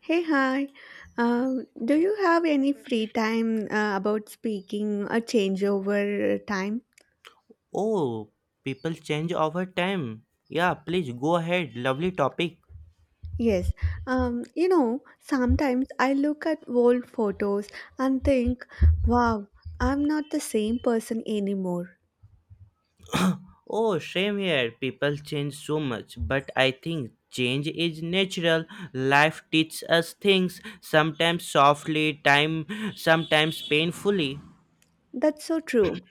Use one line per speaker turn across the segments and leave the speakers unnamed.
Hey, hi. Do you have any free time about speaking a changeover time?
Oh, people change over time. Yeah, please go ahead. Lovely topic.
Yes. You know, sometimes I look at old photos and think, wow, I'm not the same person anymore.
Oh, same here. People change so much, but I think change is natural. Life teaches us things, sometimes softly, time sometimes painfully.
That's so true.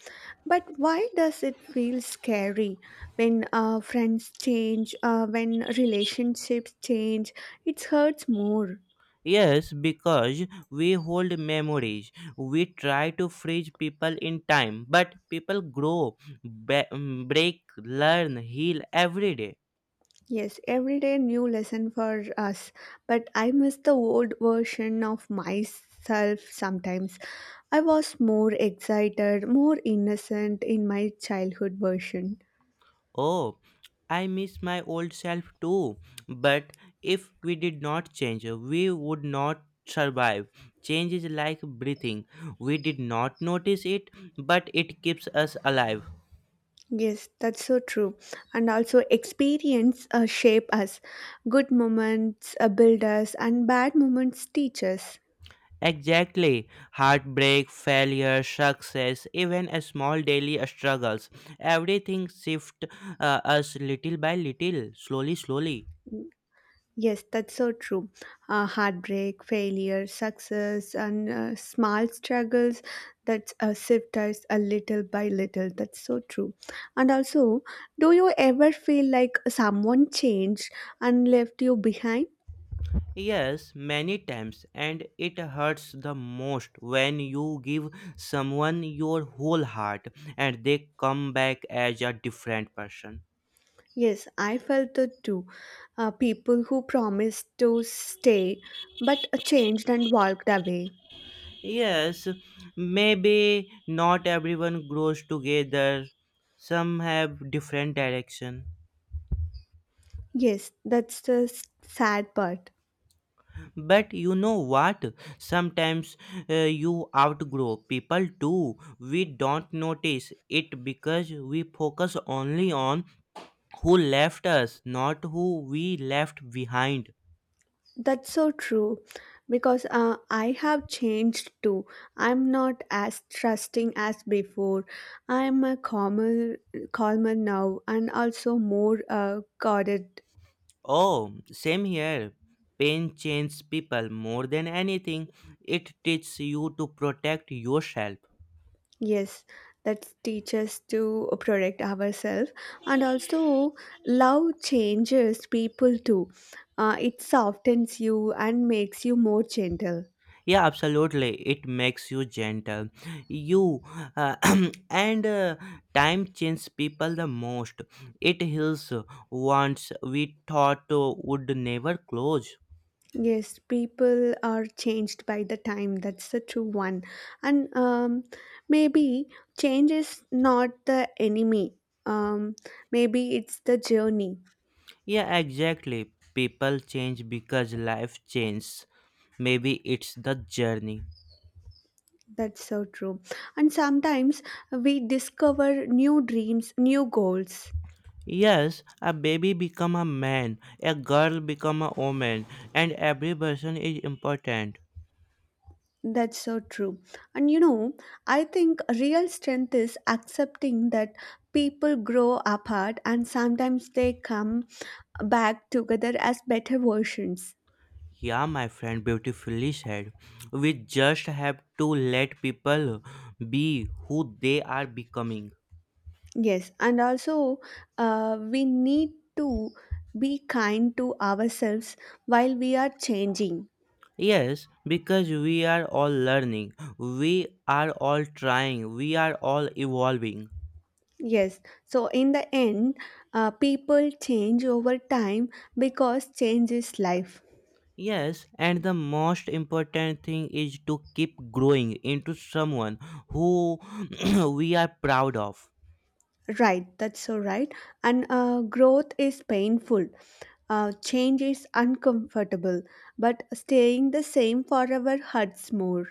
But why does it feel scary when friends change, when relationships change? It hurts more.
Yes, because we hold memories. We try to freeze people in time, but people grow, break, learn, heal every day.
Yes, every day new lesson for us. But I miss the old version of myself sometimes. I was more excited, more innocent in my childhood version.
Oh, I miss my old self too. But if we did not change, we would not survive. Change is like breathing. We did not notice it, but it keeps us alive.
Yes, that's so true. And also, experience shape us. Good moments build us, and bad moments teach us.
Exactly. Heartbreak, failure, success, even a small daily struggles. Everything shift us little by little, slowly, slowly.
Yes, that's so true. Heartbreak, failure, success, and small struggles that shift us a little by little. That's so true. And also, do you ever feel like someone changed and left you behind?
Yes, many times, and it hurts the most when you give someone your whole heart and they come back as a different person.
Yes, I felt it too. People who promised to stay but changed and walked away.
Yes, maybe not everyone grows together, some have different direction.
Yes, that's the sad part.
But you know what? Sometimes you outgrow people too. We don't notice it because we focus only on who left us, not who we left behind.
That's so true because I have changed too. I'm not as trusting as before. I'm a calmer now and also more guarded.
Oh, same here. Pain changes people more than anything. It teaches you to protect yourself.
Yes, that teaches to protect ourselves, and also love changes people too. It softens you and makes you more gentle.
Yeah, absolutely. It makes you gentle. You uh, and Time changes people the most. It heals wounds we thought would never close.
Yes, people are changed by the time. That's the true one. And maybe change is not the enemy. Um, Maybe it's the journey.
Yeah, exactly. People change because life changes. Maybe it's the journey.
That's so true. And sometimes we discover new dreams, new goals.
Yes, a baby become a man, a girl become a woman, and every person is important.
That's so true. And you know, I think real strength is accepting that people grow apart and sometimes they come back together as better versions.
Yeah, my friend beautifully said. We just have to let people be who they are becoming.
Yes, and also we need to be kind to ourselves while we are changing.
Yes, because we are all learning, we are all trying, we are all evolving.
Yes, so in the end, people change over time because change is life.
Yes, and the most important thing is to keep growing into someone who we are proud of.
Right, that's so right. And growth is painful, change is uncomfortable, but staying the same forever hurts more.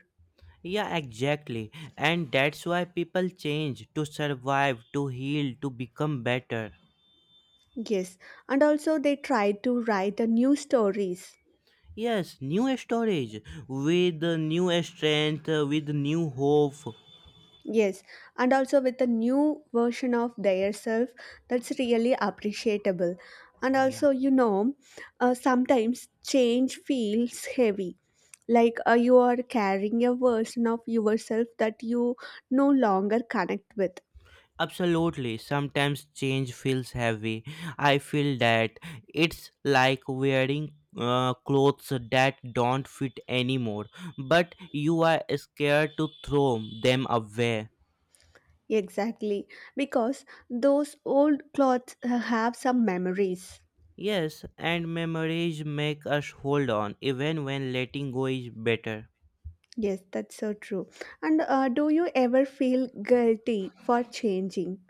Yeah, exactly. And that's why people change to survive, to heal, to become better.
Yes, and also they try to write a new stories.
Yes, new storage with new strength, with new hope.
Yes, and also with a new version of their self, that's really appreciable. And
Yeah,
also, you know, sometimes change feels heavy, like you are carrying a version of yourself that you no longer connect with.
absolutely. Sometimes change feels heavy. I feel that it's like wearing clothes that don't fit anymore, but you are scared to throw them away.
Exactly, because those old clothes have some memories.
Yes, and memories make us hold on even when letting go is better.
Yes, that's so true. And do you ever feel guilty for changing?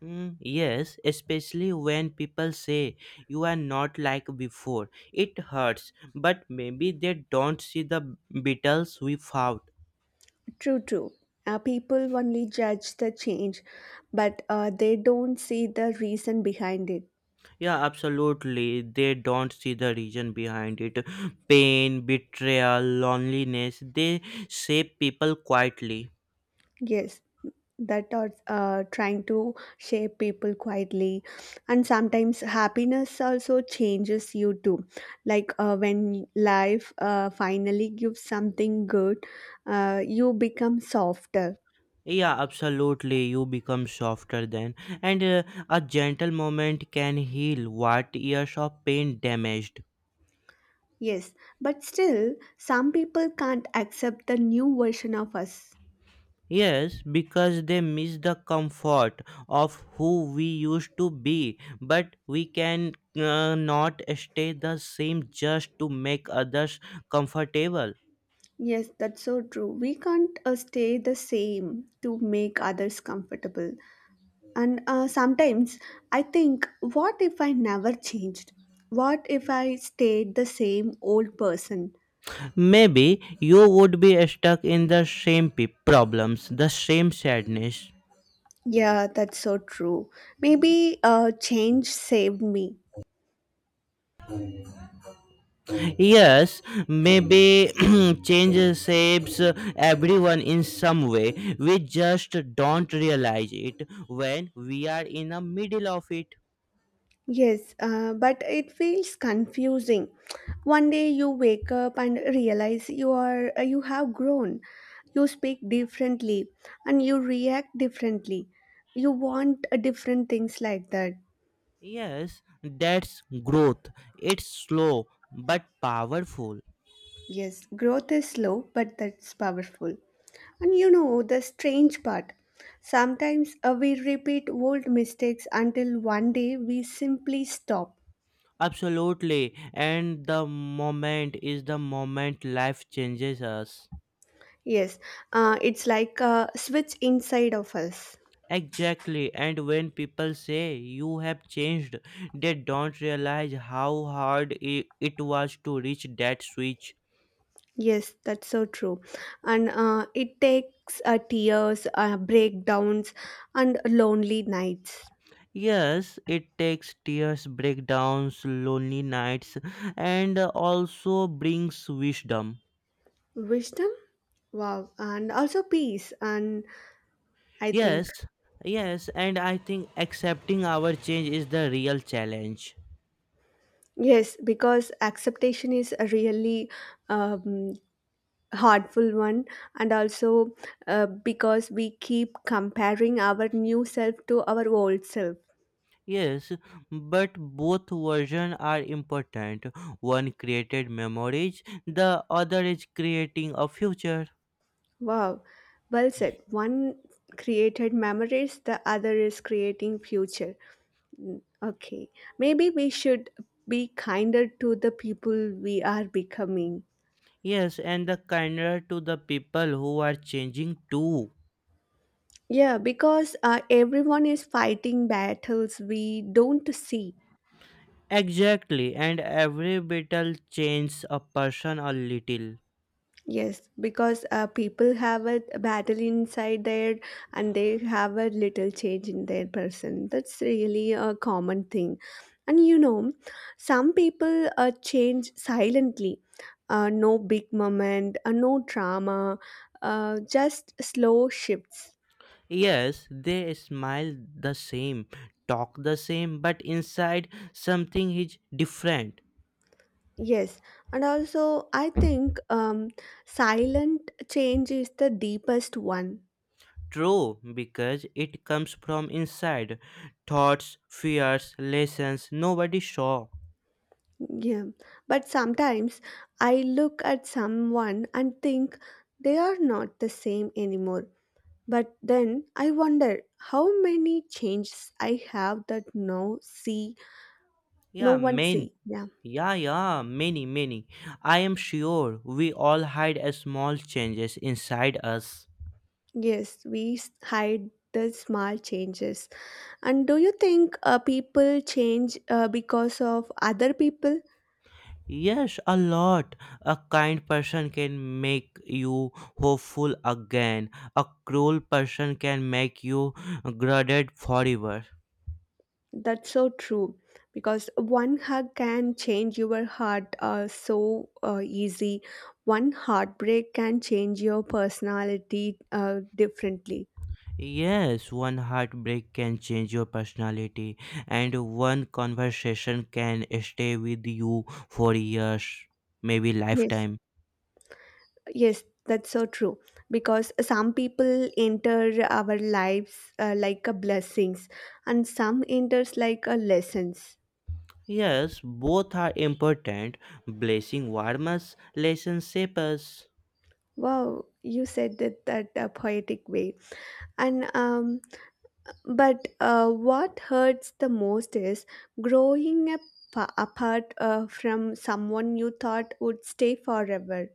Yes, especially when people say you are not like before. It hurts, but maybe they don't see the battles we fought.
True, true. People only judge the change, but they don't see the reason behind it.
Yeah, absolutely. They don't see the reason behind it. Pain, betrayal, loneliness, they shape people quietly.
Yes, that are trying to shape people quietly. And sometimes happiness also changes you too. Like when life finally gives something good, you become softer.
Yeah, absolutely. You become softer then, and a gentle moment can heal what years of pain damaged.
Yes, but still, some people can't accept the new version of us.
Yes, because they miss the comfort of who we used to be, but we can not stay the same just to make others comfortable.
Yes, that's so true. We can't stay the same to make others comfortable. And sometimes I think, what if I never changed? What if I stayed the same old person?
Maybe you would be stuck in the same problems, the same sadness.
Yeah, that's so true. Maybe change saved me.
Yes, maybe change shapes everyone in some way. We just don't realize it when we are in the middle of it.
Yes, but it feels confusing. One day you wake up and realize you have grown. You speak differently and you react differently. You want different things like that.
Yes, that's growth. It's slow but powerful.
Yes, growth is slow, but that's powerful. And you know the strange part. Sometimes we repeat old mistakes until one day we simply stop.
Absolutely. And the moment is the moment life changes us.
Yes, it's like a switch inside of us.
Exactly. And when people say you have changed, they don't realize how hard it was to reach that switch.
Yes, that's so true. And it takes tears, breakdowns, and lonely nights.
Yes, it takes tears, breakdowns, lonely nights, and also brings wisdom.
Wisdom? Wow. And also peace. And I
Yes,
think,
yes, and I think accepting our change is the real challenge.
yes, because acceptation is a really um, hurtful one. And also because we keep comparing our new self to our old self.
Yes, but both versions are important. One created memories, the other is creating a future.
Wow. Well said. One created memories, the other is creating future. Mm, okay, maybe we should be kinder to the people we are becoming.
Yes, and the kinder to the people who are changing too.
Yeah, because everyone is fighting battles we don't see.
Exactly, and every little changes a person a little.
Yes, because people have a battle inside there and they have a little change in their person. That's really a common thing. And you know, some people change silently. No big moment, no drama, just slow shifts.
Yes, they smile the same, talk the same, but inside something is different.
Yes, and also I think silent change is the deepest one.
True, because it comes from inside. Thoughts, fears, lessons nobody saw.
Yeah, but sometimes I look at someone and think they are not the same anymore. But then I wonder how many changes I have that no see, no
Yeah,
one
many.
see. Yeah,
Yeah, yeah, many, many. I am sure we all hide a small changes inside us.
yes, we hide the small changes. And do you think people change because of other people?
Yes, a lot. A kind person can make you hopeful again. A cruel person can make you guarded forever.
That's so true because one hug can change your heart so easy. One heartbreak can change your personality differently.
Yes, one heartbreak can change your personality, and one conversation can stay with you for years, maybe
Yes,
lifetime.
yes, that's so true because some people enter our lives like a blessings, and some enters like a lessons.
Yes, both are important. Blessing warms, lesson shape.
Wow, you said that a poetic way. And but what hurts the most is growing up apart from someone you thought would stay forever.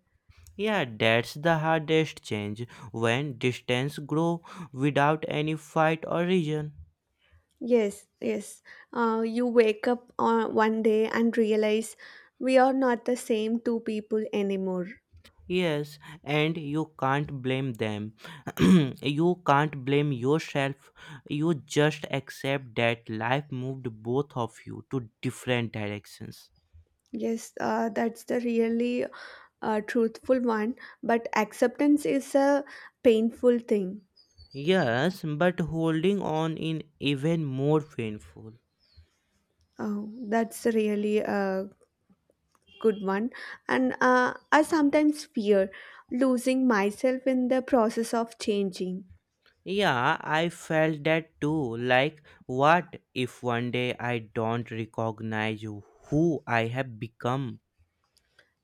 Yeah, that's the hardest change when distance grow without any fight or reason.
Yes, yes. You wake up on one day and realize we are not the same two people anymore.
Yes, and you can't blame them. You can't blame yourself. You just accept that life moved both of you to different directions.
Yes, that's the really truthful one. But acceptance is a painful thing.
Yes, but holding on in even more painful.
Oh, that's really good one, and I sometimes fear losing myself in the process of changing.
Yeah, I felt that too. Like, what if one day I don't recognize who I have become?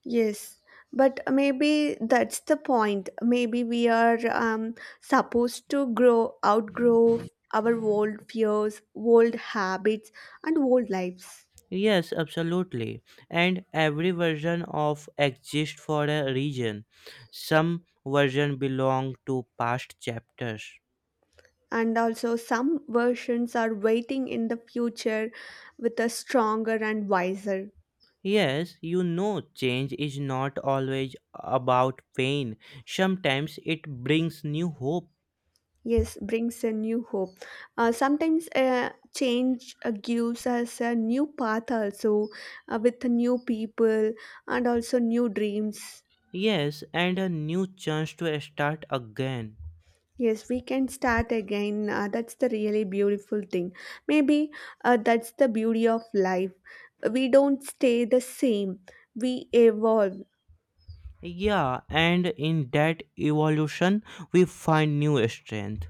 Yes, but maybe that's the point. Maybe we are supposed to grow outgrow our old fears, old habits, and old lives.
Yes, absolutely. And every version of exists for a reason. Some version belong to past chapters.
And also some versions are waiting in the future with a stronger and wiser.
Yes, you know, change is not always about pain. Sometimes it brings new hope.
Yes, brings a new hope. Sometimes change gives us a new path, also with new people and also new dreams.
Yes, and a new chance to start again.
Yes, we can start again. That's the really beautiful thing. Maybe that's the beauty of life. We don't stay the same, we evolve.
Yeah, and in that evolution, we find new strength.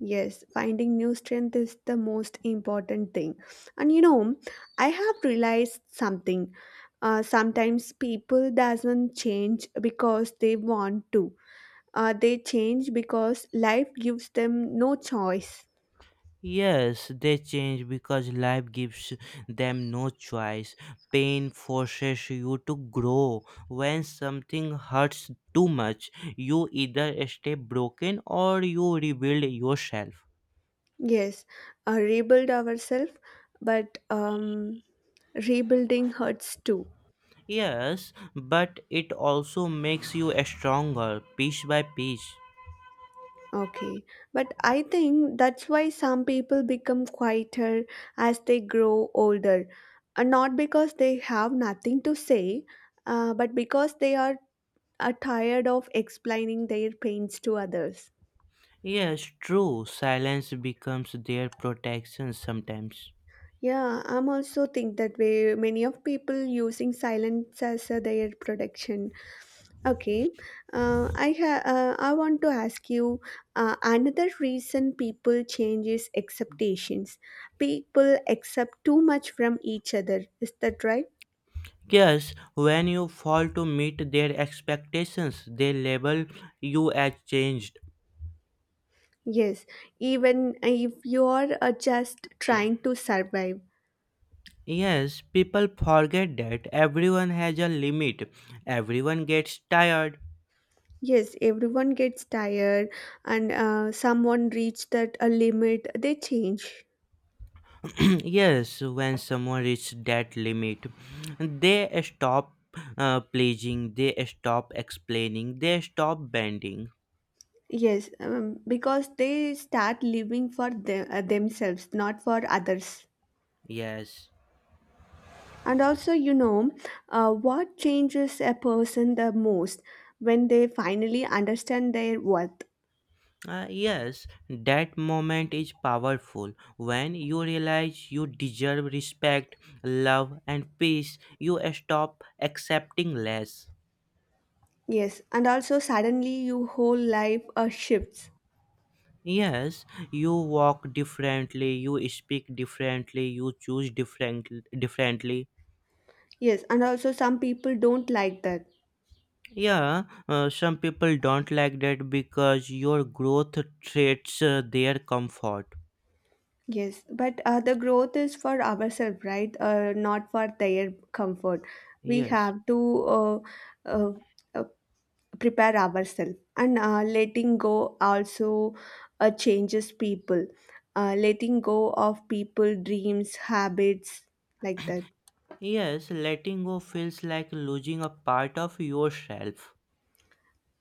Yes, finding new strength is the most important thing. And you know, I have realized something. Sometimes people doesn't change because they want to. They change because life gives them no choice.
Yes, they change because life gives them no choice. Pain forces you to grow. When something hurts too much, you either stay broken or you rebuild yourself.
Yes, rebuild ourselves, but rebuilding hurts too.
Yes, but it also makes you stronger, piece by piece.
Okay, but I think that's why some people become quieter as they grow older, and not because they have nothing to say, but because they are tired of explaining their pains to others.
Yes, true. Silence becomes their protection sometimes.
Yeah, I'm also think that way. Many of people using silence as their protection. Okay, I I want to ask you another reason people change is expectations. People accept too much from each other. Is that right?
Yes, when you fall to meet their expectations, they label you as changed.
Yes, even if you are just trying to survive.
Yes, people forget that everyone has a limit. Everyone gets tired.
Yes, everyone gets tired, and someone reach that a limit. They change.
Yes, when someone reaches that limit, they stop pleasing, they stop explaining, they stop bending.
Yes, because they start living for themselves, not for others.
Yes.
And also, you know, what changes a person the most when they finally understand their worth?
Yes, that moment is powerful. When you realize you deserve respect, love, and peace, you stop accepting less.
Yes, and also suddenly your whole life shifts.
Yes, you walk differently, you speak differently, you choose different differently.
Yes, and also some people don't like that.
Yeah, some people don't like that because your growth threats their comfort.
Yes, but the growth is for ourselves, right? Not for their comfort. We
Yes.
have to uh, uh, prepare ourselves, and letting go also changes people. Letting go of people dreams habits like that.
Yes, letting go feels like losing a part of yourself.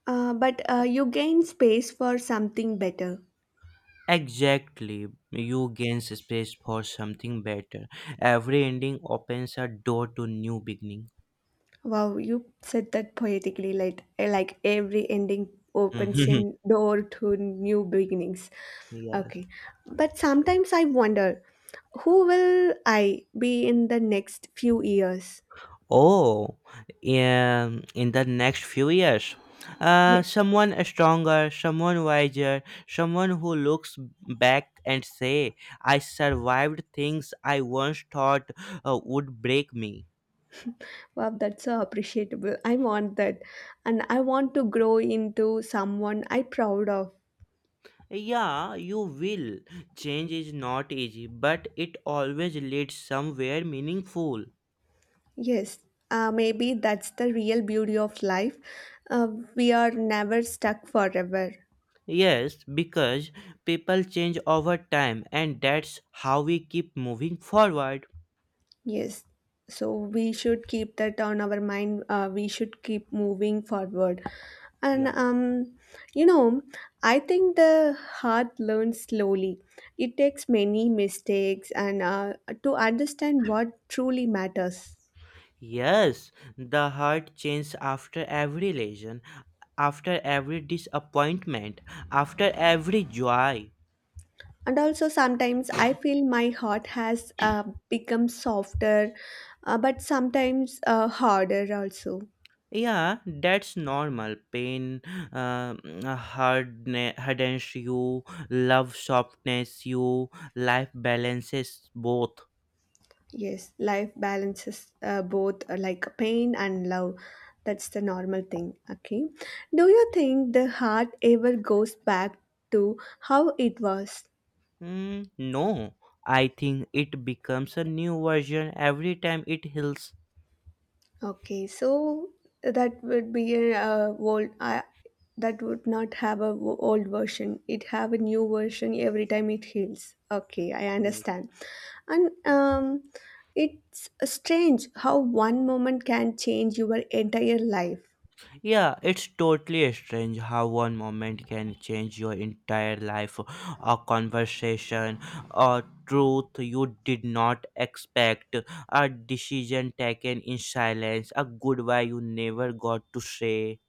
But you gain space for something better.
Exactly. You gain space for something better. Every ending opens a door to new beginning.
Wow, you said that poetically, like like every ending opens a
Mhm.
door to new beginnings.
Yes.
Okay, but sometimes I wonder who will I be in the next few years.
Oh, in the next few years, someone stronger, someone wiser, someone who looks back and say, "I survived things I once thought would break me."
Wow, that's so appreciable. I want that. And I want to grow into someone I proud of.
Yeah, you will. Change is not easy, but it always leads somewhere meaningful.
Yes, maybe that's the real beauty of life. Uh, we are never stuck forever.
Yes, because people change over time and that's how we keep moving forward.
Yes. So we should keep that on our mind. We should keep moving forward. And,
Yeah.
you know, I think the heart learns slowly. It takes many mistakes and to understand what truly matters.
Yes, the heart changes after every lesion, after every disappointment, after every joy.
And also sometimes I feel my heart has become softer but sometimes harder also.
Yeah, that's normal. Pain hardens you, love softens you, life balances both.
Yes, life balances both, like pain and love. That's the normal thing. Okay, do you think the heart ever goes back to how it was?
No, I think it becomes a new version every time it heals.
Okay, so that would be a old. I That would not have a old version. It have a new version every time it heals. Okay, I
Yes.
understand, and it's strange how one moment can change your entire life.
Yeah, it's totally strange how one moment can change your entire life, a conversation, a truth you did not expect, a decision taken in silence, a goodbye you never got to say.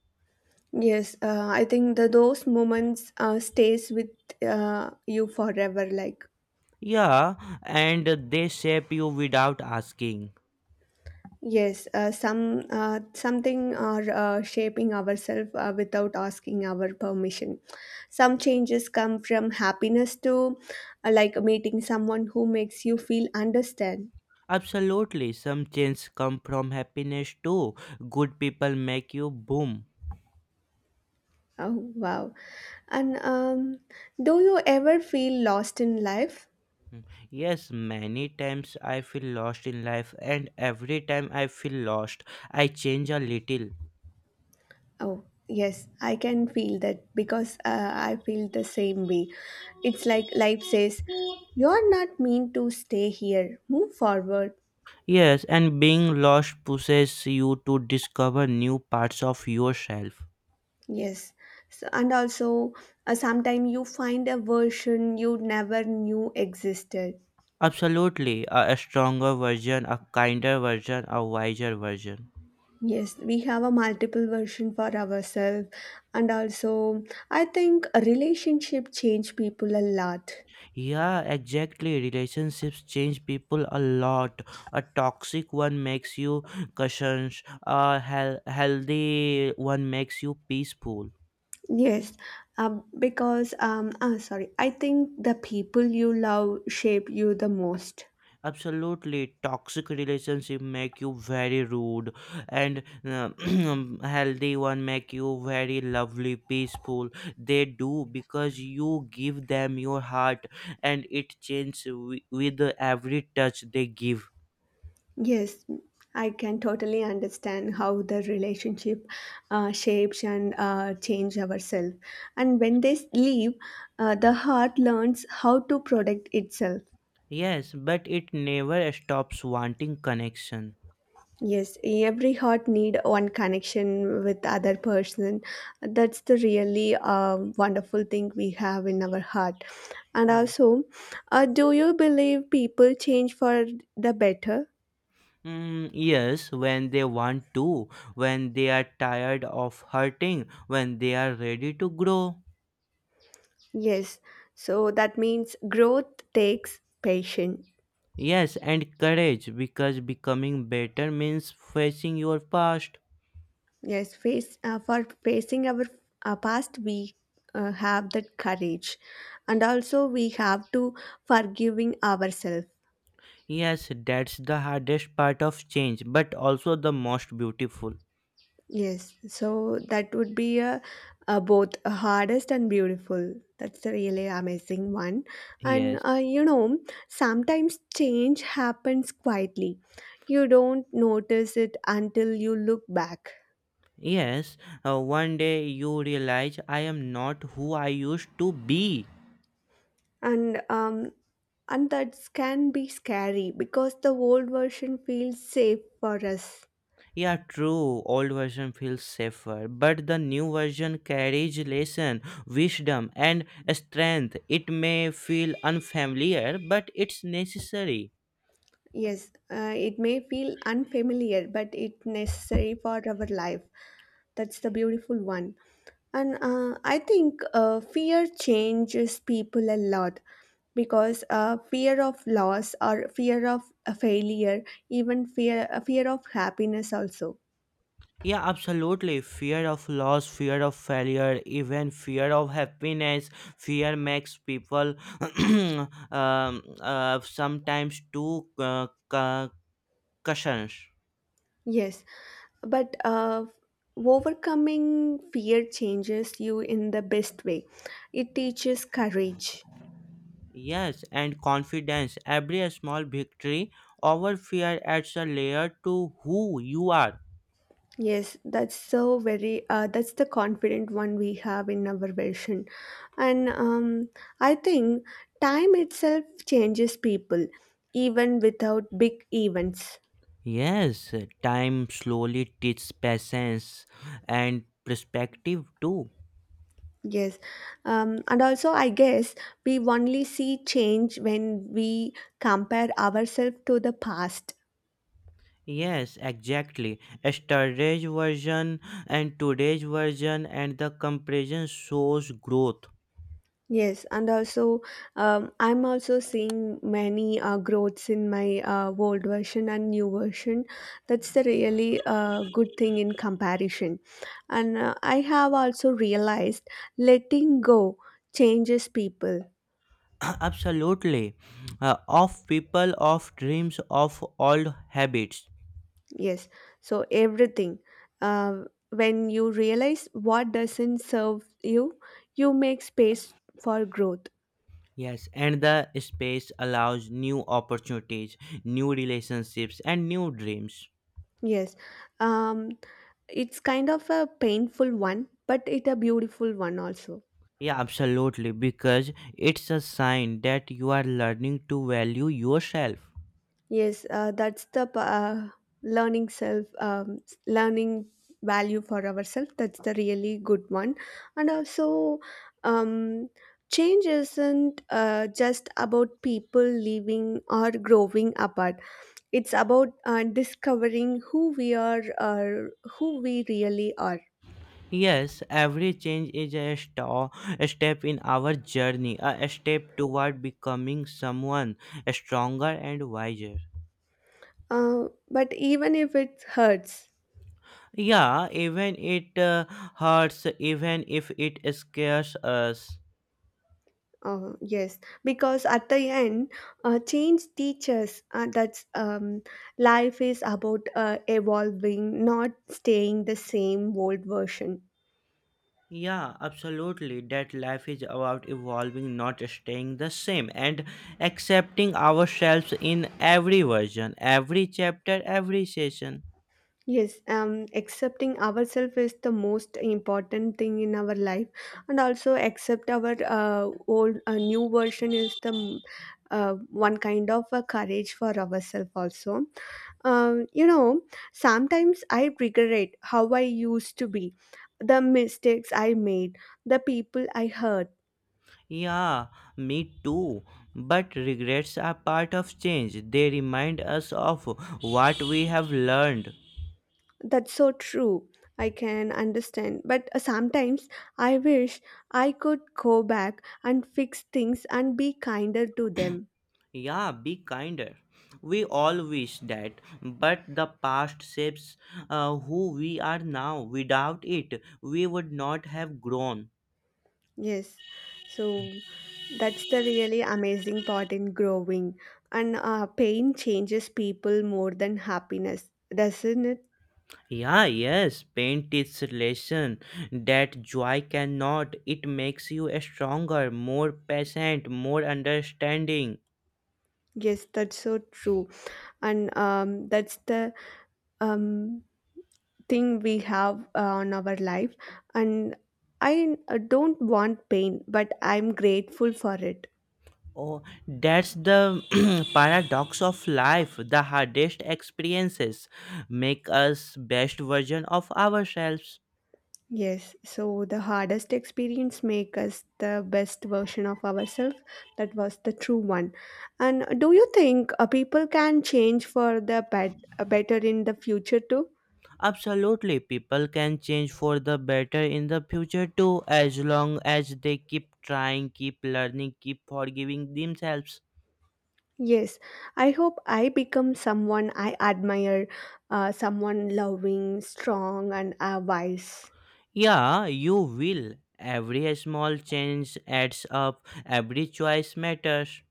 Yes, I think the those moments stays with you forever. Like.
Yeah, and they shape you without asking.
Yes, some something are shaping ourselves without asking our permission. Some changes come from happiness to, like meeting someone who makes you feel understand.
Absolutely, some change come from happiness too. Good people make you boom.
Oh wow! And do you ever feel lost in life?
Yes, many times I feel lost in life, and every time I feel lost, I change a little.
Oh yes, I can feel that because I feel the same way. It's like life says, "You're not meant to stay here. Move forward."
Yes, and being lost pushes you to discover new parts of yourself.
Yes, so, and also sometimes you find a version you never knew existed.
Absolutely, a stronger version, a kinder version, a wiser version.
Yes, we have a multiple version for ourselves, and also I think a relationship change people a lot.
Yeah, exactly. Relationships change people a lot. A toxic one makes you cautious. A healthy one makes you peaceful.
Yes, because sorry, I think the people you love shape you the most.
Absolutely, toxic relationship make you very rude, and uh, healthy one make you very lovely, peaceful. They do because you give them your heart, and it changes with every touch they give.
Yes, I can totally understand how the relationship shapes and change ourselves. And when they leave, the heart learns how to protect itself.
Yes, but it never stops wanting connection.
Yes, every heart need one connection with other person. That's the really wonderful thing we have in our heart. And
Yes.
also, do you believe people change for the better?
Yes, when they want to, when they are tired of hurting, when they are ready to grow.
Yes. So that means growth takes patience.
Yes, and courage, because becoming better means facing your past.
Yes, face for facing our past, we have that courage, and also we have to forgiving ourselves.
Yes, that's the hardest part of change, but also the most beautiful.
Yes, so that would be a both hardest and beautiful. That's a really amazing one, and
Yes.
sometimes change happens quietly. You don't notice it until you look back.
Yes, one day you realize I am not who I used to be.
And um, and that can be scary because the old version feels safe for us.
Yeah, true. Old version feels safer, but the new version carries lesson, wisdom, and strength. It may feel unfamiliar, but it's necessary.
Yes, it may feel unfamiliar but it's necessary for our life. That's the beautiful one. And I think fear changes people a lot, because fear of loss or fear of failure, even fear of happiness also.
Yeah, absolutely. Fear of loss, fear of failure, even fear of happiness. Fear makes people sometimes too cautious.
Yes, but overcoming fear changes you in the best way. It teaches courage.
Yes, and confidence. Every small victory over fear adds a layer to who you are.
Yes, that's so very that's the confident one we have in our version. And I think time itself changes people even without big events.
Yes, time slowly teaches patience and perspective too.
Yes, and also I guess we only see change when we compare ourselves to the past.
Yes, exactly. Yesterday's version and today's version and the comparison shows growth.
Yes, and also, I'm also seeing many growths in my old version and new version. That's the really good thing in comparison. And I have also realized letting go changes people.
Absolutely. Of people, of dreams, of old habits.
Yes, so everything. Uh, when you realize what doesn't serve you, you make space for growth.
Yes, and the space allows new opportunities, new relationships, and new dreams.
Yes, um, it's kind of a painful one, but it's a beautiful one also.
Yeah, absolutely, because it's a sign that you are learning to value yourself.
Yes, that's the learning self, learning value for ourselves. That's the really good one. And also, um, change isn't just about people leaving or growing apart. It's about discovering who we are, or who we really are.
Yes, every change is a step in our journey, a step toward becoming someone stronger and wiser.
But even if it hurts.
Yeah, even it hurts, even if it scares us.
Yes, because at the end, change teaches that life is about evolving, not staying the same old version.
Yeah, absolutely. That life is about evolving, not staying the same, and accepting ourselves in every version, every chapter, every session.
Yes, accepting ourselves is the most important thing in our life, and also accept our old new version is the one kind of a courage for ourselves also. You know, sometimes I regret how I used to be, the mistakes I made, the people I hurt.
Yeah, me too. But regrets are part of change, they remind us of what we have learned.
That's so true. I can understand. But sometimes I wish I could go back and fix things and be kinder to them.
Yeah, be kinder. We all wish that, but the past shapes who we are now. Without it, we would not have grown.
Yes. So that's the really amazing part in growing. And pain changes people more than happiness, doesn't it?
Yeah, yes, pain teaches lesson that joy cannot. It makes you a stronger, more patient, more understanding.
Yes, that's so true. And that's the um, thing we have on our life. And I don't want pain but I'm grateful for it.
Oh, that's the paradox of life. The hardest experiences make us best version of ourselves.
Yes, so the hardest experience make us the best version of ourselves. That was the true one. And do you think people can change for the better in the future too?
Absolutely, people can change for the better in the future too, as long as they keep trying, keep learning, keep forgiving themselves.
Yes, I hope I become someone I admire, someone loving, strong, and wise.
Yeah, you will. Every small change adds up, every choice matters.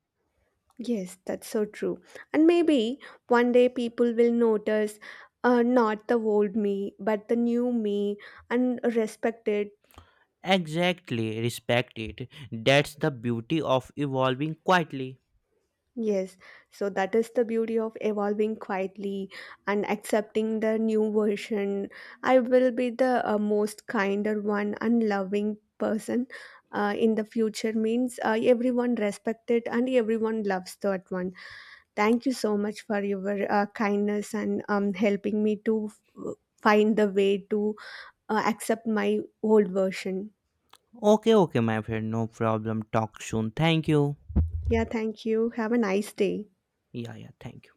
Yes, that's so true. And maybe one day people will notice not the old me, but the new me, and respect it.
Exactly, respect it. That's the beauty of evolving quietly.
Yes, so that is the beauty of evolving quietly and accepting the new version. I will be the most kinder one and loving person in the future, means everyone respect it and everyone loves that one. Thank you so much for your kindness and helping me to find the way to accept my old version.
Okay, okay, my friend, no problem. Talk soon. Thank you.
Yeah, thank you. Have a nice day.
Yeah, yeah, thank you.